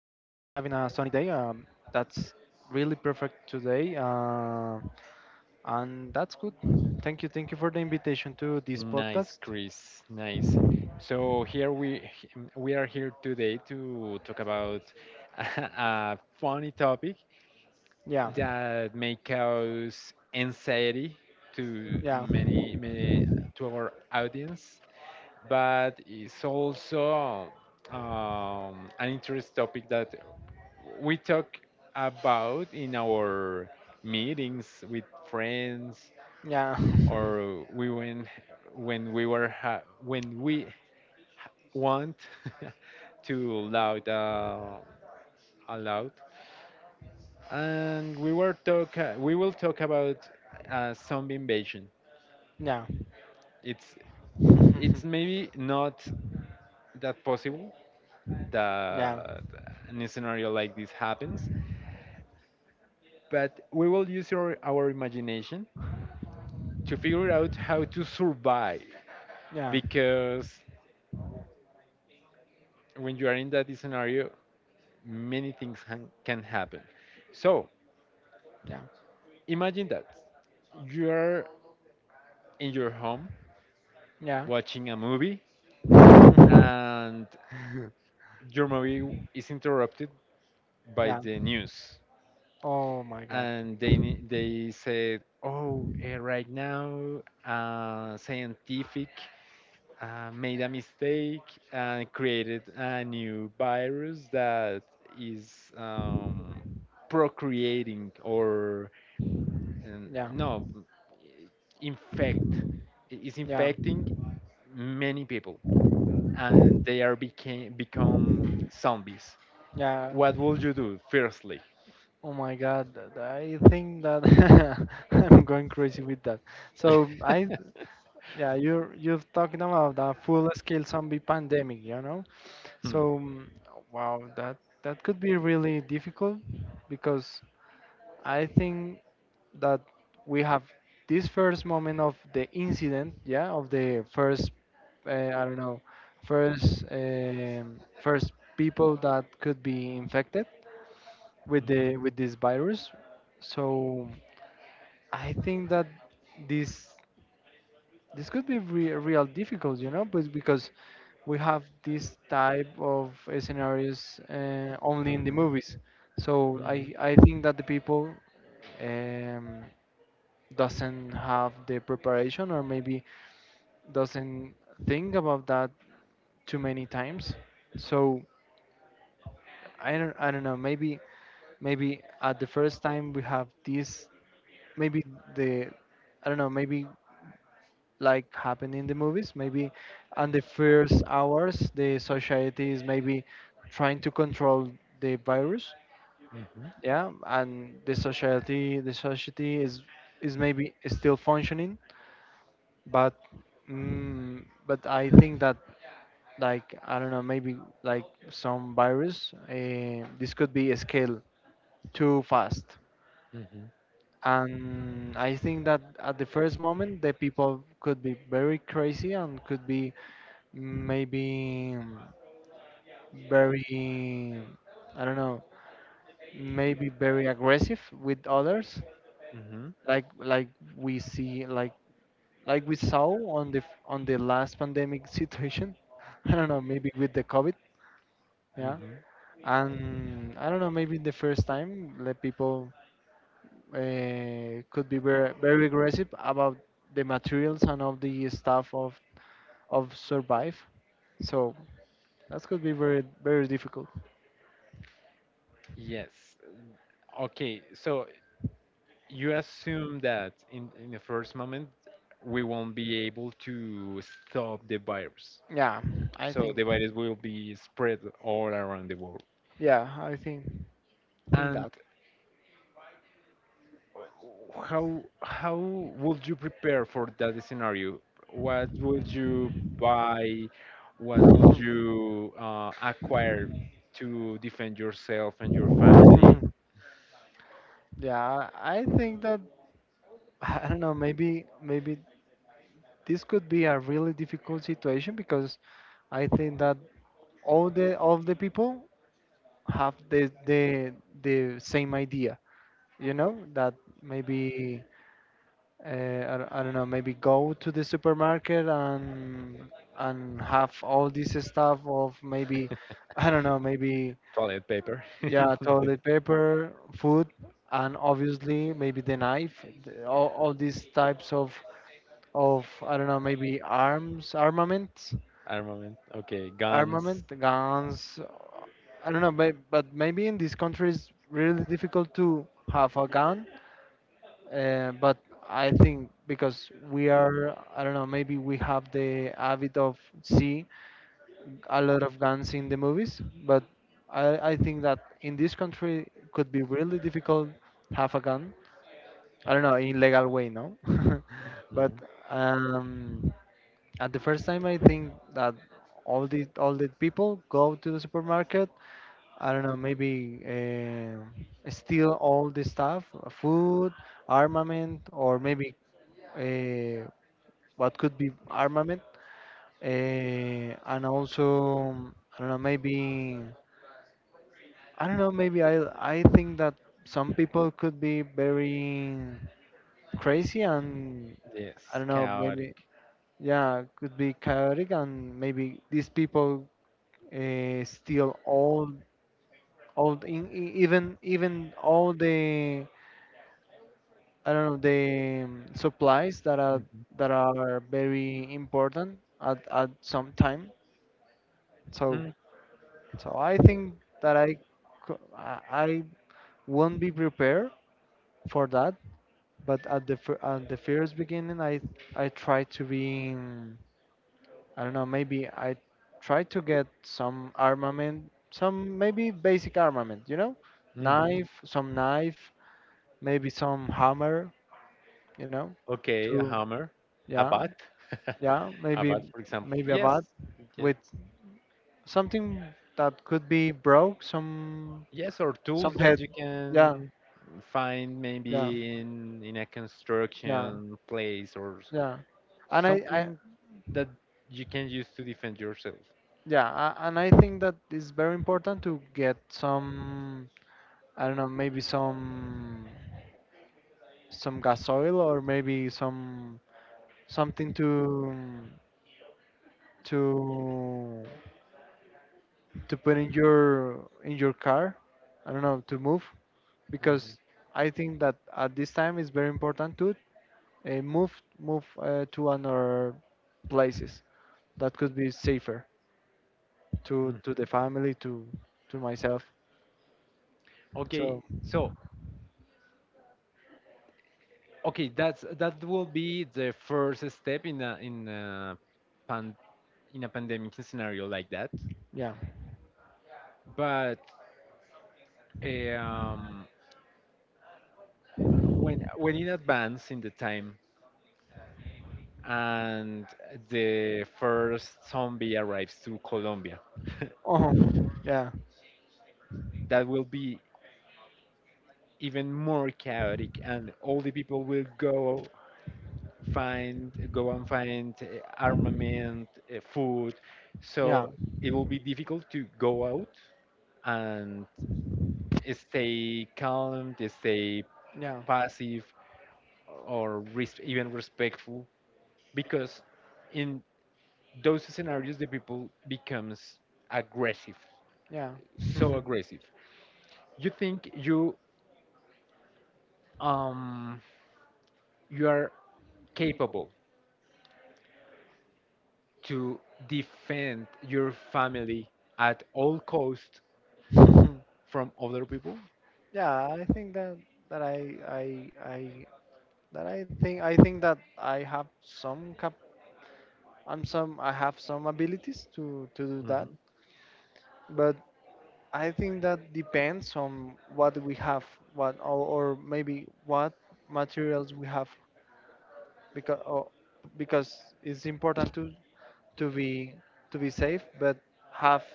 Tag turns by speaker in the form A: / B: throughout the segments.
A: a sunny day. That's really perfect today, and that's good. Thank you for the invitation to this
B: Nice,
A: podcast.
B: Chris. Nice. So here we are here today to talk about a funny topic
A: Yeah,
B: that may cause anxiety to
A: yeah,
B: many many to our audience, but it's also an interest topic that we talk about in our meetings with friends
A: yeah,
B: or we win when when we want to loud aloud, and we will talk about zombie invasion.
A: yeah.
B: It's
A: Yeah.
B: maybe not that possible that a scenario like this happens, but we will use our imagination to figure out how to survive,
A: Yeah.
B: because when you are in that scenario many can happen. So
A: Yeah.
B: imagine that you are in your home
A: Yeah.
B: watching a movie, and your movie is interrupted by
A: Yeah.
B: the news,
A: Oh my god.
B: and they said, oh, right now, scientific made a mistake and created a new virus that is procreating or
A: Yeah.
B: no, infect. Is
A: Yeah.
B: infecting many people, and they are became become zombies.
A: Yeah.
B: What would you do, firstly?
A: Oh my god. I think that I'm going crazy with that. So I Yeah, you're talking about a full-scale zombie pandemic, you know?
B: Hmm.
A: So, wow, that that could be really difficult because I think that we have this first moment of the incident, yeah, of the first, I don't know, first first people that could be infected
B: Mhm.
A: with this virus. So, I think that this this could be real difficult, you know, but because we have this type of scenarios only in the movies. So
B: Mhm. Mhm.
A: I think that the people um, doesn't have the preparation or maybe doesn't think about that too many times. So I don't know. Maybe maybe at the first time we have this. Maybe the I don't know. Maybe like happen in the movies. Maybe on the first hours, the society is maybe trying to control the virus.
B: Mhm.
A: Yeah, and the society is maybe still functioning, but but I think that like I don't know, maybe like some virus, this could be scaled too fast.
B: Mm-hmm.
A: And I think that at the first moment, the people could be very crazy and could be maybe very, I don't know, maybe very aggressive with others,
B: Mm-hmm.
A: like we see, like we saw on the last pandemic situation. I don't know, maybe with the COVID, yeah.
B: Mm-hmm.
A: And I don't know, maybe the first time, the people could be very, very aggressive about the materials and of the stuff of survive. So that could be very very difficult.
B: Yes. Okay, so you assume that in the first moment we won't be able to stop the virus.
A: Yeah, I
B: So
A: think.
B: the virus will be spread all around the world.
A: Yeah, I think
B: And
A: that.
B: how would you prepare for that scenario? What would you buy? What would you acquire to defend yourself and your family?
A: Yeah, I think that I don't know. Maybe maybe this could be a really difficult situation because I think that all the people have the same idea, you know, that maybe I don't know, maybe go to the supermarket and have all this stuff of maybe I don't know maybe
B: Toilet paper.
A: yeah, toilet paper, food, and obviously maybe all these types of I don't know, maybe arms, armaments,
B: Armament. Okay, guns.
A: armament, guns. I don't know, but maybe in this country it's really difficult to have a gun. But I think because we are, I don't know, maybe we have the habit of see a lot of guns in the movies. But I think that in this country could be really difficult have a gun. I don't know, in legal way, no? But
B: Mhm.
A: um, at the first time, I think that all the people go to the supermarket. I don't know, maybe steal all the stuff, food, armament, or maybe uh, what could be armament, and also I don't know, maybe I don't know, maybe I think that some people could be very crazy and I
B: Yes,
A: don't know,
B: chaotic.
A: maybe yeah, could be chaotic, and maybe these people steal all in, e, even even all the I don't know the supplies
B: Mhm.
A: that are very important at some time. So
B: Hmm,
A: so I think that I co- I won't be prepared for that. But at the at the first beginning, I try to be. I don't know, maybe I try to get some armament, some maybe basic armament, you know?
B: hmm.
A: Knife, some knife, maybe some hammer, you know?
B: Okay, a
A: To
B: hammer, a
A: yeah,
B: bat.
A: yeah,
B: A
A: maybe
B: bat, for example.
A: a bat
B: Yes, yes.
A: with something that could be broke,
B: Yes, or
A: some
B: tools
A: head.
B: that you
A: Yeah,
B: can find
A: yeah,
B: maybe in a
A: yeah,
B: construction
A: yeah. And I
B: something that you can use to defend yourself.
A: Yeah, and I think that it's very important to get some I don't know, maybe some gas oil or maybe some something to to put in your car, I don't know, to move
B: Mhm.
A: because I think that at this time it's very important to uh, move move to another places that could be safer to
B: Mm.
A: the family to myself,
B: Okay,
A: so
B: so okay, that's that will be the first step in a pan, in a pandemic scenario like that.
A: yeah.
B: But eh, um, when in advance in the time, and the first zombie arrives to Colombia,
A: Oh yeah.
B: that will be even more chaotic and all the people will go and find armament, food,
A: Yeah,
B: so it will be difficult to go out and stay calm, to stay
A: yeah,
B: passive or even respectful, because in those scenarios the people becomes aggressive.
A: yeah.
B: So
A: Mhm.
B: aggressive, you think you um you are capable to defend your family at all cost from other people?
A: Yeah, I think that that I that I think that I have some cap, I'm some I have some abilities to do that.
B: Mhm,
A: But I think that depends on what we have, what or maybe what materials we have, because or, because it's important to be to be safe, but have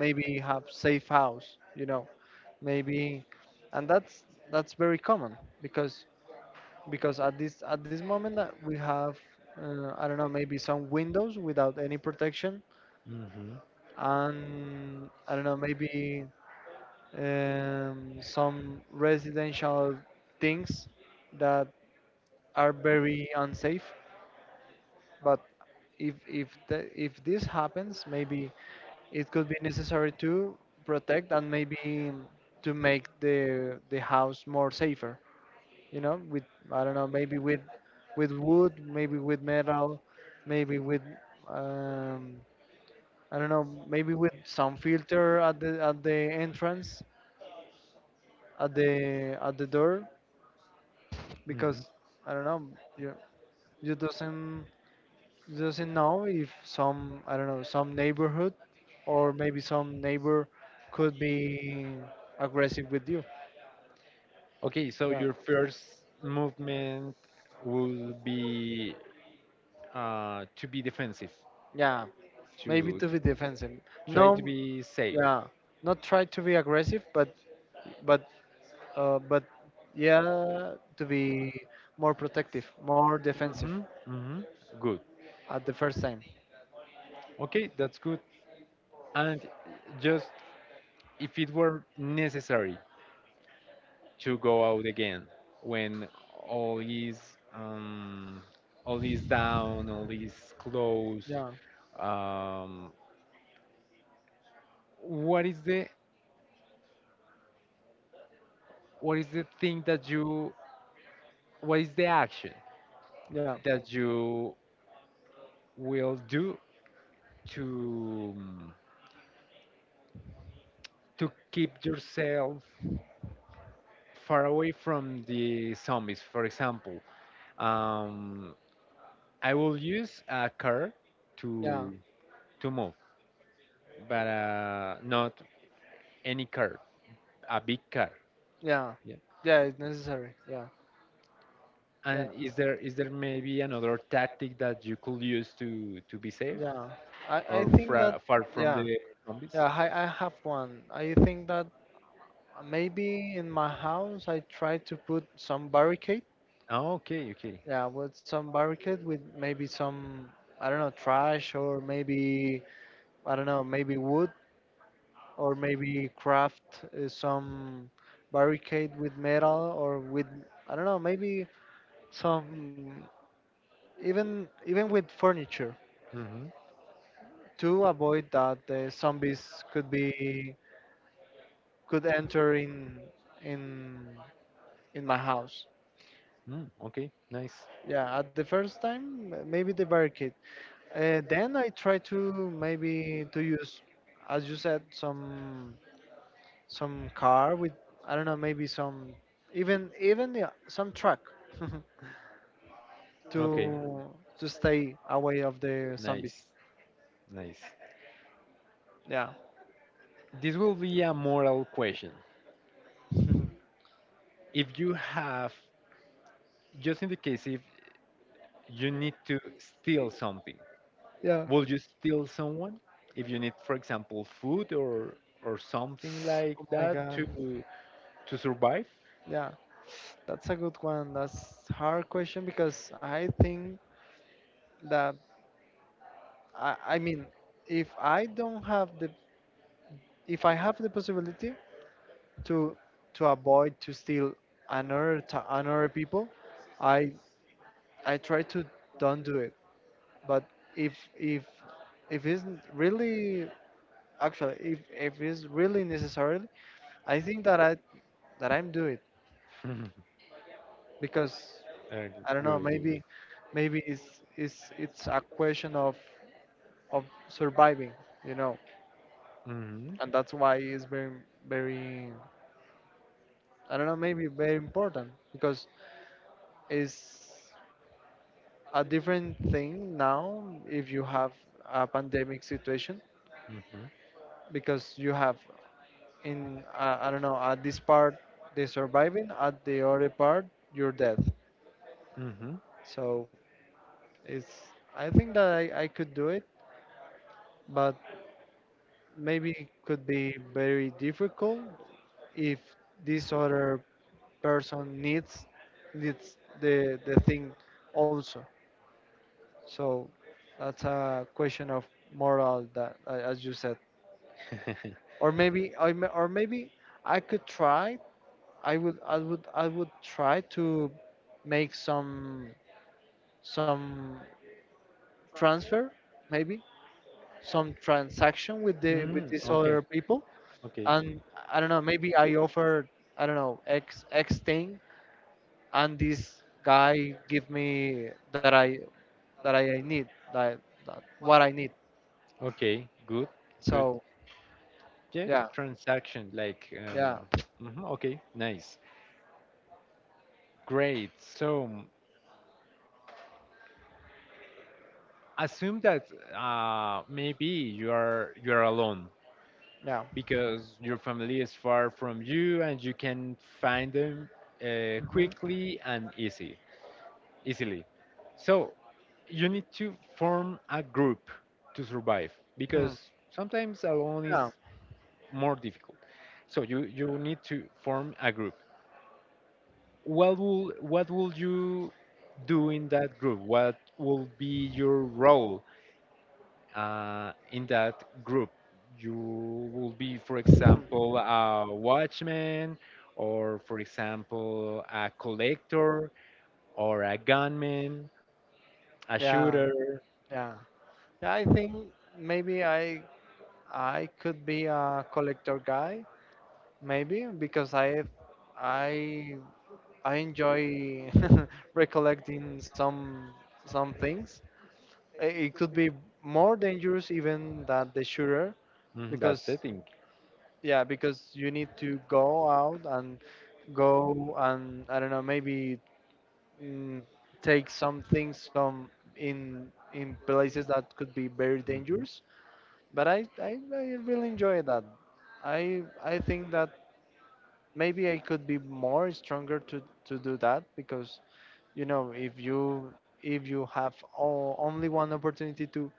A: maybe have safe house, you know, maybe, and that's very common because because at this moment that we have I don't know, maybe some windows without any protection,
B: mhm,
A: and I don't know, maybe some residential things that are very unsafe. But if this happens, maybe it could be necessary to protect and maybe to make the house more safer. You know, with I don't know, maybe with wood, maybe with metal, maybe with um, I don't know, maybe with some filter at the entrance at the door because
B: mhm.
A: I don't know, you you doesn't you doesn't know if some, I don't know, some neighborhood or maybe some neighbor could be aggressive with you.
B: Okay, so
A: Yeah,
B: your first movement will be to be defensive,
A: yeah, maybe
B: to
A: to be defensive.
B: try to
A: No,
B: be safe.
A: yeah, not try to be aggressive, but but yeah, to be more protective, more defensive
B: Hmm, hmm. Good.
A: at the first time.
B: Okay, that's good. And just if it were necessary, to go out again when all is um, all is down, all is closed.
A: Yeah,
B: Um, what is the thing that you what is the action
A: yeah,
B: that you will do to um, to keep yourself far away from the zombies? For example, um, I will use a car
A: yeah,
B: to to move, but not any car, a big car.
A: yeah,
B: Yeah.
A: yeah. It's necessary. Yeah, yeah.
B: And is there maybe another tactic that you could use to be safe
A: Yeah, I
B: or
A: think
B: fra
A: that,
B: far from
A: yeah,
B: the zombies?
A: yeah, I have one. I think that maybe in my house I try to put some barricade.
B: Oh, okay, okay.
A: Yeah, with some barricade with maybe some, I don't know, trash or maybe, I don't know, maybe wood or maybe craft some barricade with metal or with, I don't know, maybe some, even even with furniture
B: Mm-hmm.
A: to avoid that the zombies could be could enter in in in my house.
B: Mm, okay, nice.
A: Yeah, at the first time maybe the barricade. Then I try to maybe to use, as you said, some car with I don't know, maybe some even even yeah, some truck
B: Okay,
A: to to stay away of the zombies.
B: nice, nice.
A: Yeah,
B: This will be a moral question. If you have, just in the case if you need to steal something,
A: yeah.
B: will you steal someone? If you need, for example, food or something like
A: Oh my
B: that
A: god.
B: to survive?
A: Yeah, that's a good one. That's hard question because I think that I mean, if I don't have the, if I have the possibility to to avoid to steal another people, I I try to don't do it. But if if if it's really actually if it's really necessary, I think that I that I'm do it because
B: Uh, good,
A: I don't know,
B: good,
A: maybe
B: good.
A: maybe it's a question of surviving, you know,
B: Mm-hmm,
A: and that's why it's very very. I don't know, maybe very important because it's a different thing now if you have a pandemic situation because you have in I don't know, at this part the surviving, at the other part your death.
B: mm-hmm,
A: So it's I think that I could do it, but maybe it could be very difficult if this other person needs needs the thing also. So that's a question of moral that, as you said,
B: mm-hmm.
A: or maybe, or maybe I could try. I would try to make some transfer, maybe some transaction with the with
B: Mm,
A: these
B: okay,
A: other people,
B: okay,
A: and I don't know. Maybe I offer, I don't know, X thing, and this guy give me that I need that, that what I need.
B: okay, good, good.
A: So
B: Yeah,
A: yeah,
B: transaction, like,
A: yeah.
B: mhm, okay, nice, great. So assume that maybe you are alone
A: Yeah.
B: because your family is far from you and you can find them
A: Hmm.
B: quickly and easily. So you need to form a group to survive,
A: Hmm.
B: because sometimes alone is
A: Yeah.
B: more difficult. So you need to form a group. What will you do in that group? What will be your role in that group? You will be, for example, a watchman, or for example, a collector, or a gunman, a
A: Yeah.
B: shooter.
A: Yeah. Yeah. I think maybe I could be a collector guy, maybe because I I enjoy recollecting some things. I- It could be more dangerous even than the shooter
B: Mhm, that's the
A: because
B: thing.
A: yeah, because you need to go out and go and I don't know, maybe mm, take some things some in places that could be very
B: Mhm.
A: dangerous. But I really enjoy that. I think that maybe I could be more stronger to do that because you know if you have only one opportunity to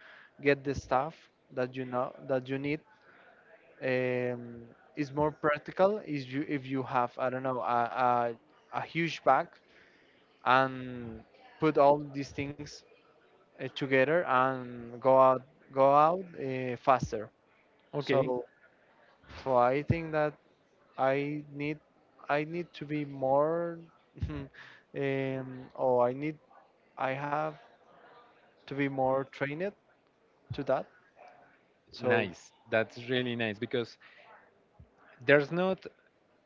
A: get the stuff that you know that you need, um, is more practical is you if you have I don't know a huge bag and put all these things together and go out faster.
B: Okay,
A: So so I think that I need I need to be more um, or I need I have to be more trained to that. So
B: nice. That's really nice because there's not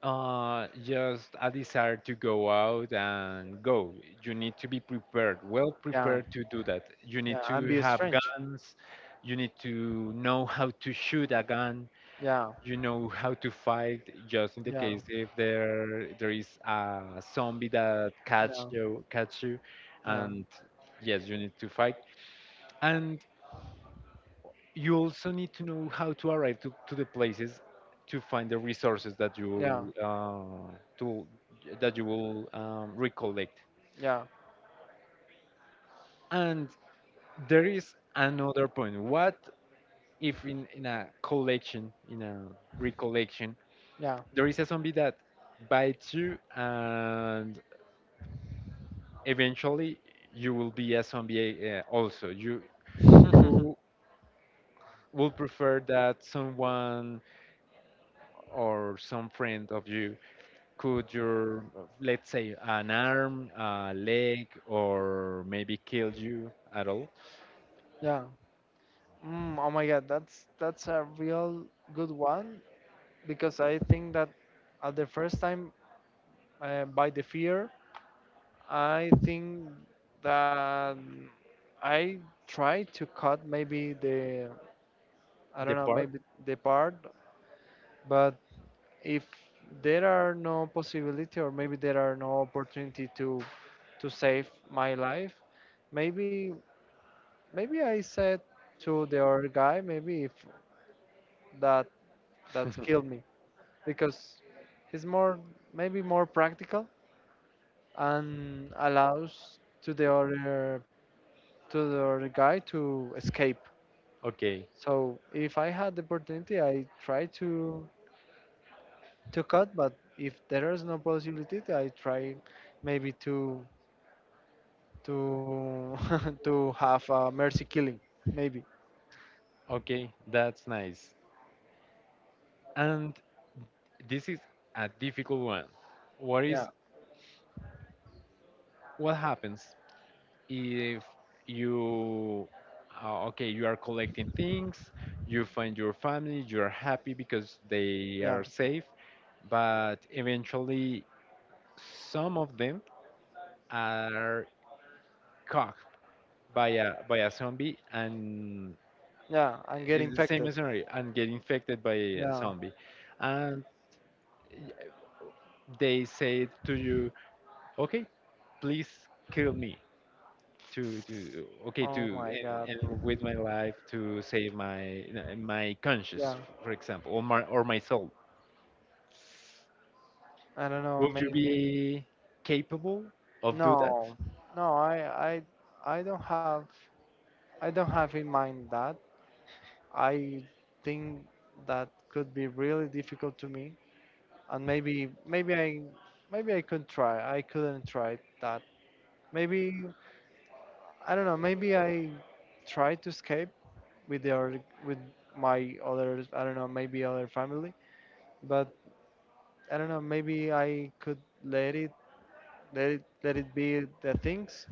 B: just a desire to go out and go. You need to be prepared, well
A: yeah,
B: prepared to do that. You
A: yeah,
B: need
A: and be
B: to have
A: strange.
B: guns. You need to know how to shoot a gun.
A: Yeah,
B: You know how to fight, just in the
A: yeah,
B: case if there is a zombie that
A: yeah,
B: catch you,
A: yeah,
B: and yes, you need to fight. And you also need to know how to arrive to the places to find the resources that you
A: yeah,
B: will to that you will recollect.
A: yeah,
B: And there is another point: what if in a collection in a recollection
A: yeah.
B: there is a zombie that bites you and eventually you will be a zombie also, you will prefer that someone or some friend of you could your let's say an arm, a leg, or maybe kill you at all.
A: Yeah. Mm, oh my God, that's a real good one because I think that at the first time, by the fear. I think that I try to cut maybe the I
B: The
A: don't know
B: part.
A: maybe the part, but if there are no possibility or maybe there are no opportunity to save my life, maybe maybe I said to the other guy maybe if that that killed me because it's more maybe more practical and allows to the other guy to escape.
B: Okay,
A: So if I had the opportunity, I try to cut. But if there is no possibility, I try maybe to to to have a mercy killing. Maybe,
B: okay, that's nice. And this is a difficult one. What is
A: yeah,
B: what happens if you okay, you are collecting things, you find your family, you are happy because they are
A: yeah,
B: safe, but eventually some of them are caught by a zombie, and
A: yeah, and get
B: it's the same
A: infected.
B: scenario and get infected by a
A: Yeah.
B: zombie and y- they say to you, okay, please kill me to
A: Oh my God.
B: and with my life to save my my conscience,
A: Yeah.
B: for example, or my soul.
A: I don't know.
B: Would you
A: Maybe.
B: be capable of do that?
A: No, no. I I don't have in mind that. I think that could be really difficult to me and maybe I maybe I could try. I couldn't try that. Maybe, I don't know. Maybe I tried to escape with their with my other, I don't know, maybe other family, but I don't know. Maybe I could let it let it be the things,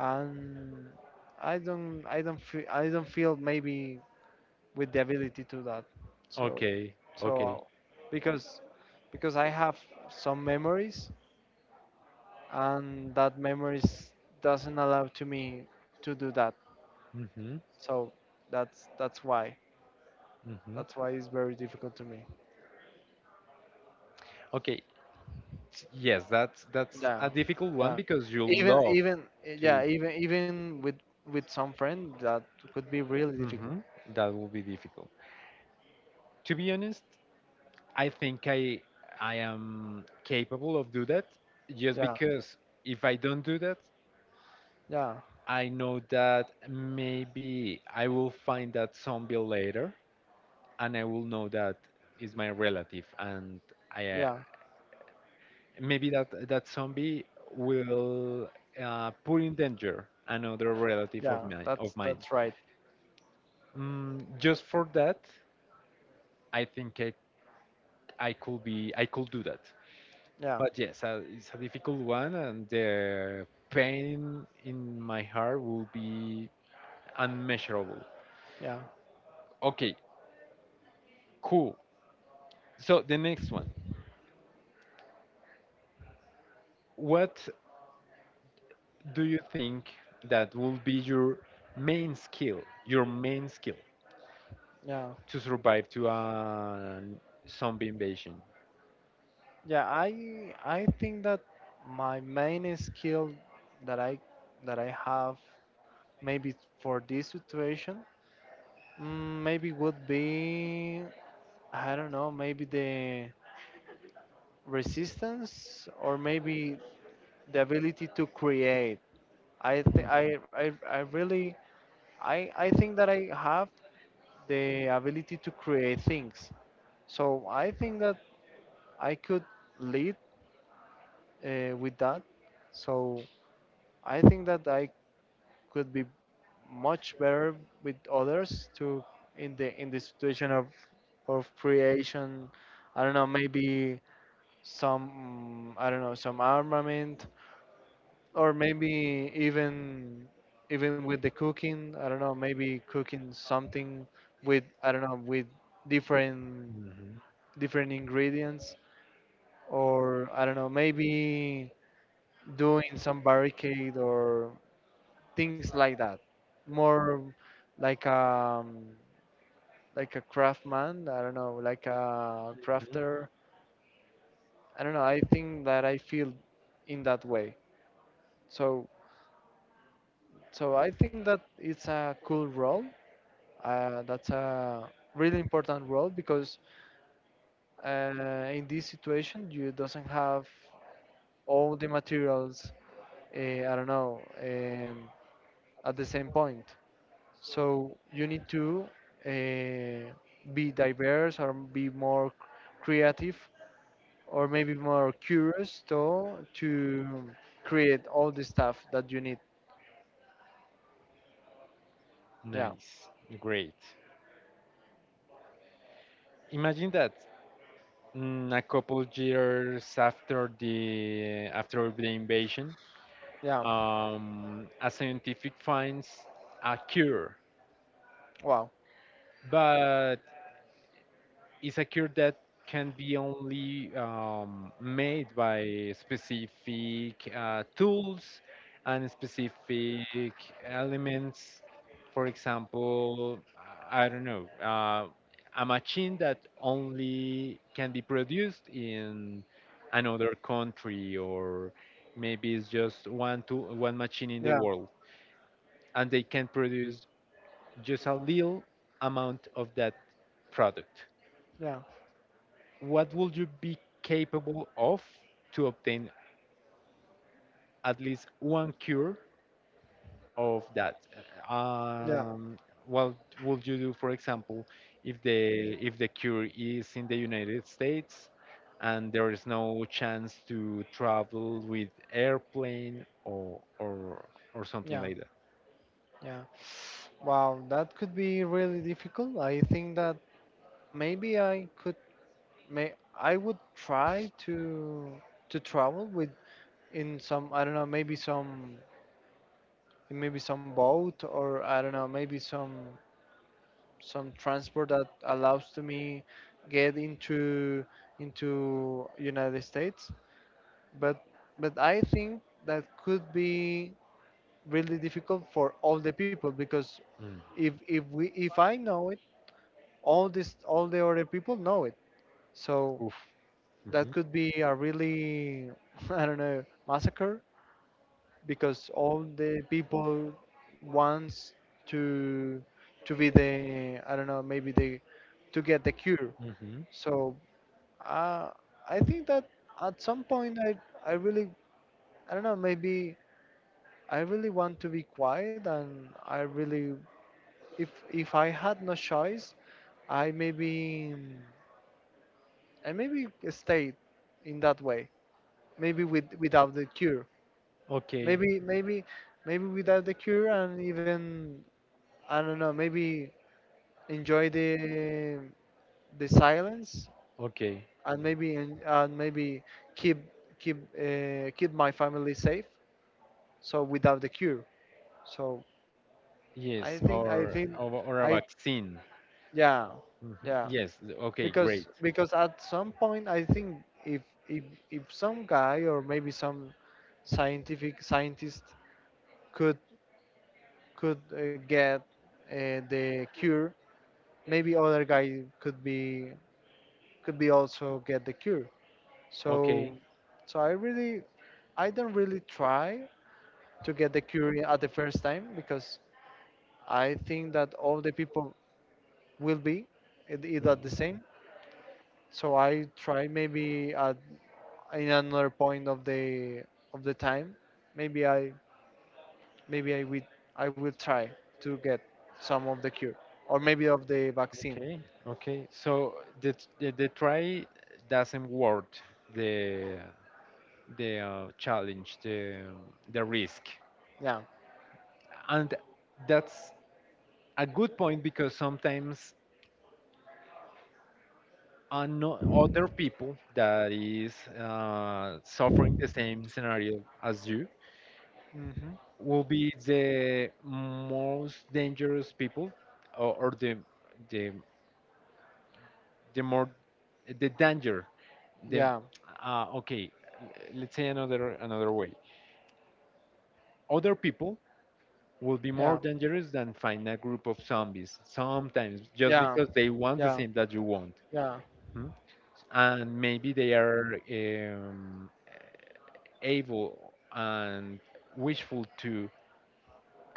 A: and I don't feel, I don't feel maybe with the ability to that. So
B: Okay, okay.
A: so because I have some memories and that memories doesn't allow to me to do that.
B: Mhm,
A: So that's that's why
B: mhm.
A: that's why it's very difficult to me.
B: Okay, yes, that's a
A: Yeah,
B: difficult one
A: yeah.
B: because you
A: Even
B: love
A: even
B: to.
A: yeah even even with some friend that could be really
B: Hmm.
A: difficult.
B: That will be difficult. To be honest, I think I am capable of do that, just
A: Yeah,
B: because if I don't do that,
A: yeah,
B: I know that maybe I will find that zombie later, and I will know that is my relative, and I
A: yeah,
B: maybe that that zombie will put in danger another relative of
A: yeah.
B: mine.
A: That's right.
B: Mm, just for that, I think I could be I could do that.
A: Yeah,
B: But yes, it's a difficult one, and the pain in my heart will be unmeasurable.
A: yeah,
B: Okay, cool. So the next one. What do you think that will be your main skill
A: yeah,
B: to survive to a zombie invasion?
A: yeah. I think that my main skill that I that I have maybe for this situation, maybe would be, I don't know maybe the resistance or maybe the ability to create. I think
B: Mhm,
A: I really I think that I have the ability to create things, so I think that I could lead with that. So I think that I could be much better with others to in the situation of creation. I don't know Maybe some, mm, I don't know some armament, or maybe even with the cooking, I don't know maybe cooking something with, I don't know with different
B: mhm,
A: ingredients, or I don't know maybe doing some barricade or things like that, more like um like a craftsman, I don't know like a
B: mhm.
A: crafter. I don't know I think that I feel in that way. So I think that it's a cool role, that's a really important role because, in this situation you doesn't have all the materials, I don't know at the same point. So you need to uh, be diverse or be more creative, or maybe more curious to create all the stuff that you need. Yeah,
B: Nice, great. Imagine that a couple years after the invasion,
A: yeah,
B: a scientific finds a cure,
A: wow,
B: but it's a cure that can be only made by specific tools and specific elements. For example, I don't know, a machine that only can be produced in another country, or maybe it's just one to one machine in the
A: yeah,
B: world, and they can produce just a little amount of that product.
A: yeah,
B: What would you be capable of to obtain at least one cure of that?
A: yeah,
B: Um, what would you do, for example, if the cure is in the United States and there is no chance to travel with airplane or something
A: yeah,
B: like that?
A: yeah. Wow, that could be really difficult. I think that maybe I could, may I would try to travel with, in some, I don't know, maybe some, like, maybe some boat, or I don't know, maybe some transport that allows to me get into United States. But I think that could be really difficult for all the people because
B: Mm.
A: if we, if I know it, all the other people know it. So
B: Oof.
A: that
B: Hmm,
A: could be a really I don't know massacre because all the people wants to be the, I don't know, maybe the, to get the cure.
B: hmm.
A: So uh, I think that at some point I really, I don't know, maybe I really want to be quiet and I really, if I had no choice, I maybe I maybe stayed in that way, maybe with without the cure,
B: Okay.
A: maybe maybe without the cure, and even, I don't know, maybe enjoy the silence,
B: Okay.
A: and maybe keep keep my family safe, so without the cure. So
B: Yes,
A: I think,
B: or a
A: I,
B: vaccine.
A: yeah,
B: Mhm.
A: yeah,
B: Yes. Okay. Great.
A: because at some point I think if if if some guy or maybe some scientific scientist could get the cure, maybe other guy could be, could be also get the cure. So,
B: Okay.
A: so I really, I don't really try to get the cure at the first time because I think that all the people will be it- it the
B: Mhm.
A: same. So I try maybe at, in another point of the time. Maybe I, maybe I will try to get some of the cure or maybe of the vaccine.
B: Okay. Okay. So the try doesn't worth the the challenge, the risk,
A: Yeah.
B: and that's a good point because sometimes other people that is suffering the same scenario as you
A: Hmm.
B: will be the most dangerous people, or the the more the danger, the
A: Yeah.
B: okay, l- let's say another another way, other people will be
A: Yeah.
B: more dangerous than find a group of zombies sometimes, just
A: Yeah.
B: because they want the
A: Yeah.
B: same that you want.
A: Yeah.
B: Hmm? And maybe they are um, able and wishful to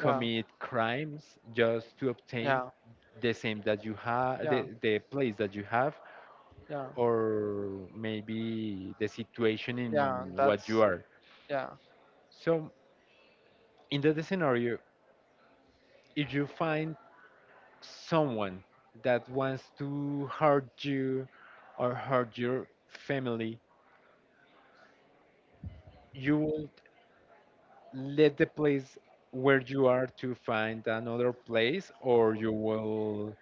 A: Yeah.
B: crimes just to obtain
A: Yeah.
B: the same that you have,
A: Yeah.
B: the place that you have,
A: Yeah,
B: or maybe the situation in
A: yeah.
B: what you
A: That's
B: are.
A: yeah,
B: So in that scenario, if you find someone that wants to hurt you or hurt your family, you will let the place where you are to find another place, or you will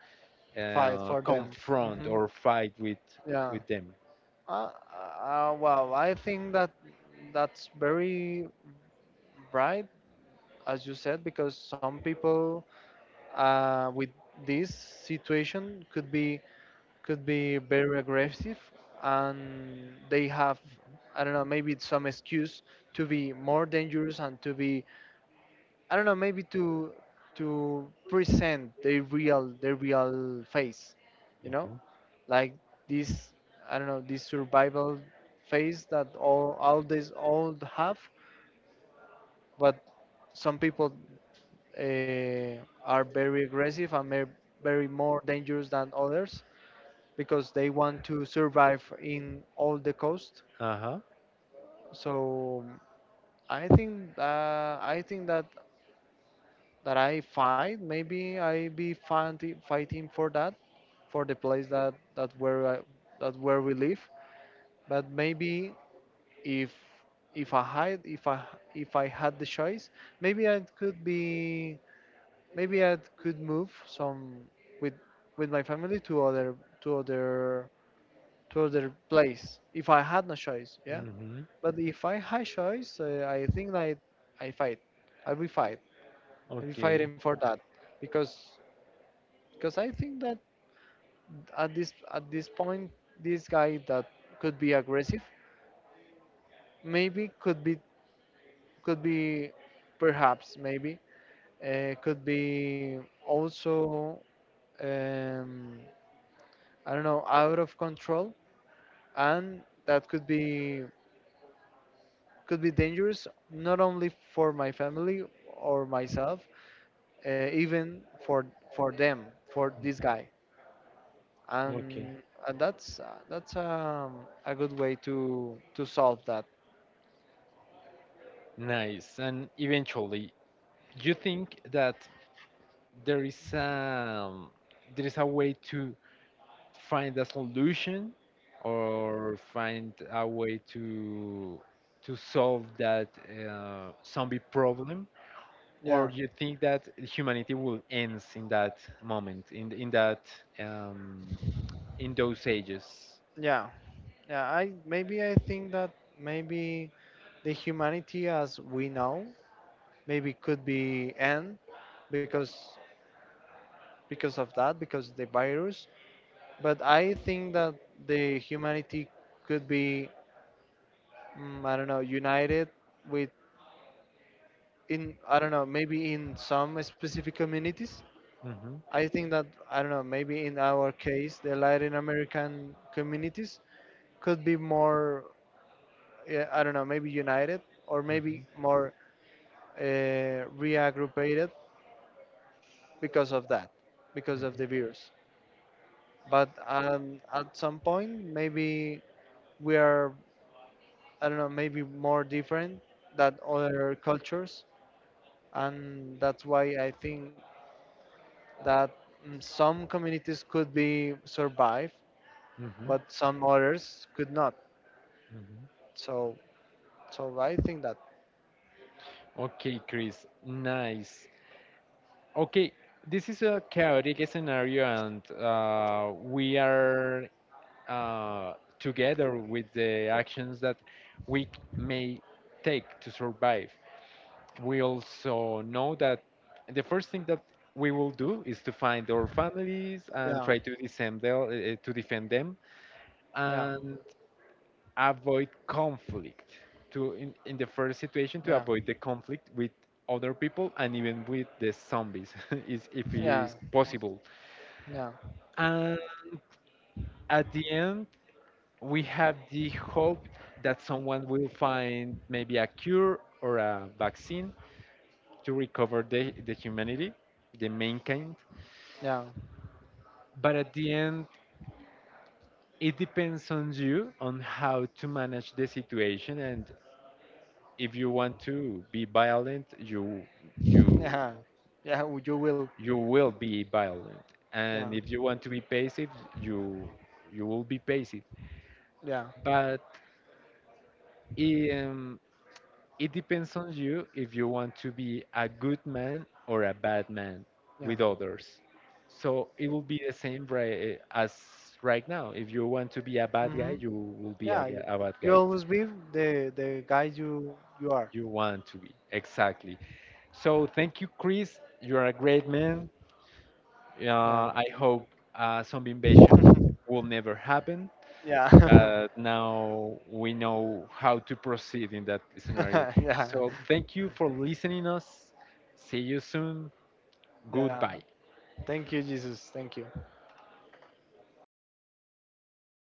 A: fight for them.
B: confront
A: Hmm.
B: or fight
A: Yeah.
B: with them.
A: Uh, well, I think that that's very right, as you said, because some people with this situation could be, could be very aggressive, and they have, I don't know, maybe it's some excuse to be more dangerous and to be, I don't know, maybe to present their real, their real face, you know,
B: Mhm.
A: like this, I don't know, this survival face that all these all have, but some people uh, are very aggressive and may, very more dangerous than others because they want to survive in all the coast.
B: Uh-huh.
A: So I think, I think that I fight. Maybe I be fighting, fighting for that, for the place that where I, that where we live. But maybe if I hide, if I had the choice, maybe I could be, maybe I could move some with my family to other to other to other place if I had no choice. Yeah.
B: Hmm.
A: But if I had choice, I think that I, fight. I will fight. I will
B: Okay.
A: fighting for that because Because I think that at this point, this guy that could be aggressive, maybe could be, could be, perhaps maybe could be also, um, I don't know, out of control, and that could be, could be dangerous not only for my family or myself, even for them, for this
B: Mhm.
A: guy.
B: Okay.
A: And that's that's, a good way to solve that.
B: Nice. And eventually, you think that there is um there is a way to find a solution or find a way to solve that zombie problem, or
A: Yeah,
B: you think that humanity will ends in that moment, in that um, in those ages?
A: yeah, yeah, I maybe I think that maybe the humanity as we know maybe could be end because of that, because the virus. But I think that the humanity could be, I don't know, united with, in, I don't know, maybe in some specific communities.
B: Mm-hmm.
A: I think that, I don't know, maybe in our case, the Latin American communities could be more, yeah, I don't know, maybe united or
B: Mm-hmm.
A: maybe more, reaggruppated because of that, because of the virus. But, at some point, maybe we are, I don't know, maybe more different than other cultures, and that's why I think that, some communities could be survive,
B: Mm-hmm.
A: but some others could not.
B: Mm-hmm.
A: So I think that,
B: Okay, Chris. Nice. Okay, this is a chaotic scenario, and we are uh, together with the actions that we c- may take to survive. We also know that the first thing that we will do is to find our families and
A: yeah,
B: try to defend them, to defend them.
A: yeah,
B: And avoid conflict to in the first situation to
A: yeah,
B: avoid the conflict with other people and even with the zombies is if
A: yeah,
B: it's possible.
A: yeah,
B: And at the end we have the hope that someone will find maybe a cure or a vaccine to recover the humanity, the mankind.
A: yeah,
B: But at the end it depends on you on how to manage the situation, and if you want to be violent, you
A: yeah, yeah. w- You will.
B: you will be violent,
A: Yeah,
B: and if you want to be passive, you you will be passive.
A: yeah,
B: But um, it depends on you if you want to be a good man or a bad man
A: yeah.
B: with others. So it will be the same, right? As right now, if you want to be a bad guy,
A: Mhm.
B: you will be
A: Yeah. You,
B: a bad
A: you
B: guy,
A: always be the guy you are.
B: you want to be exactly. So thank you, Chris, you're a great man.
A: Yeah.
B: uh, I hope zombie invasion will never happen,
A: Yeah.
B: but now we know how to proceed in that scenario.
A: Yeah.
B: So thank you for listening us. See you soon.
A: Yeah.
B: Goodbye.
A: Thank you, Jesus. Thank you.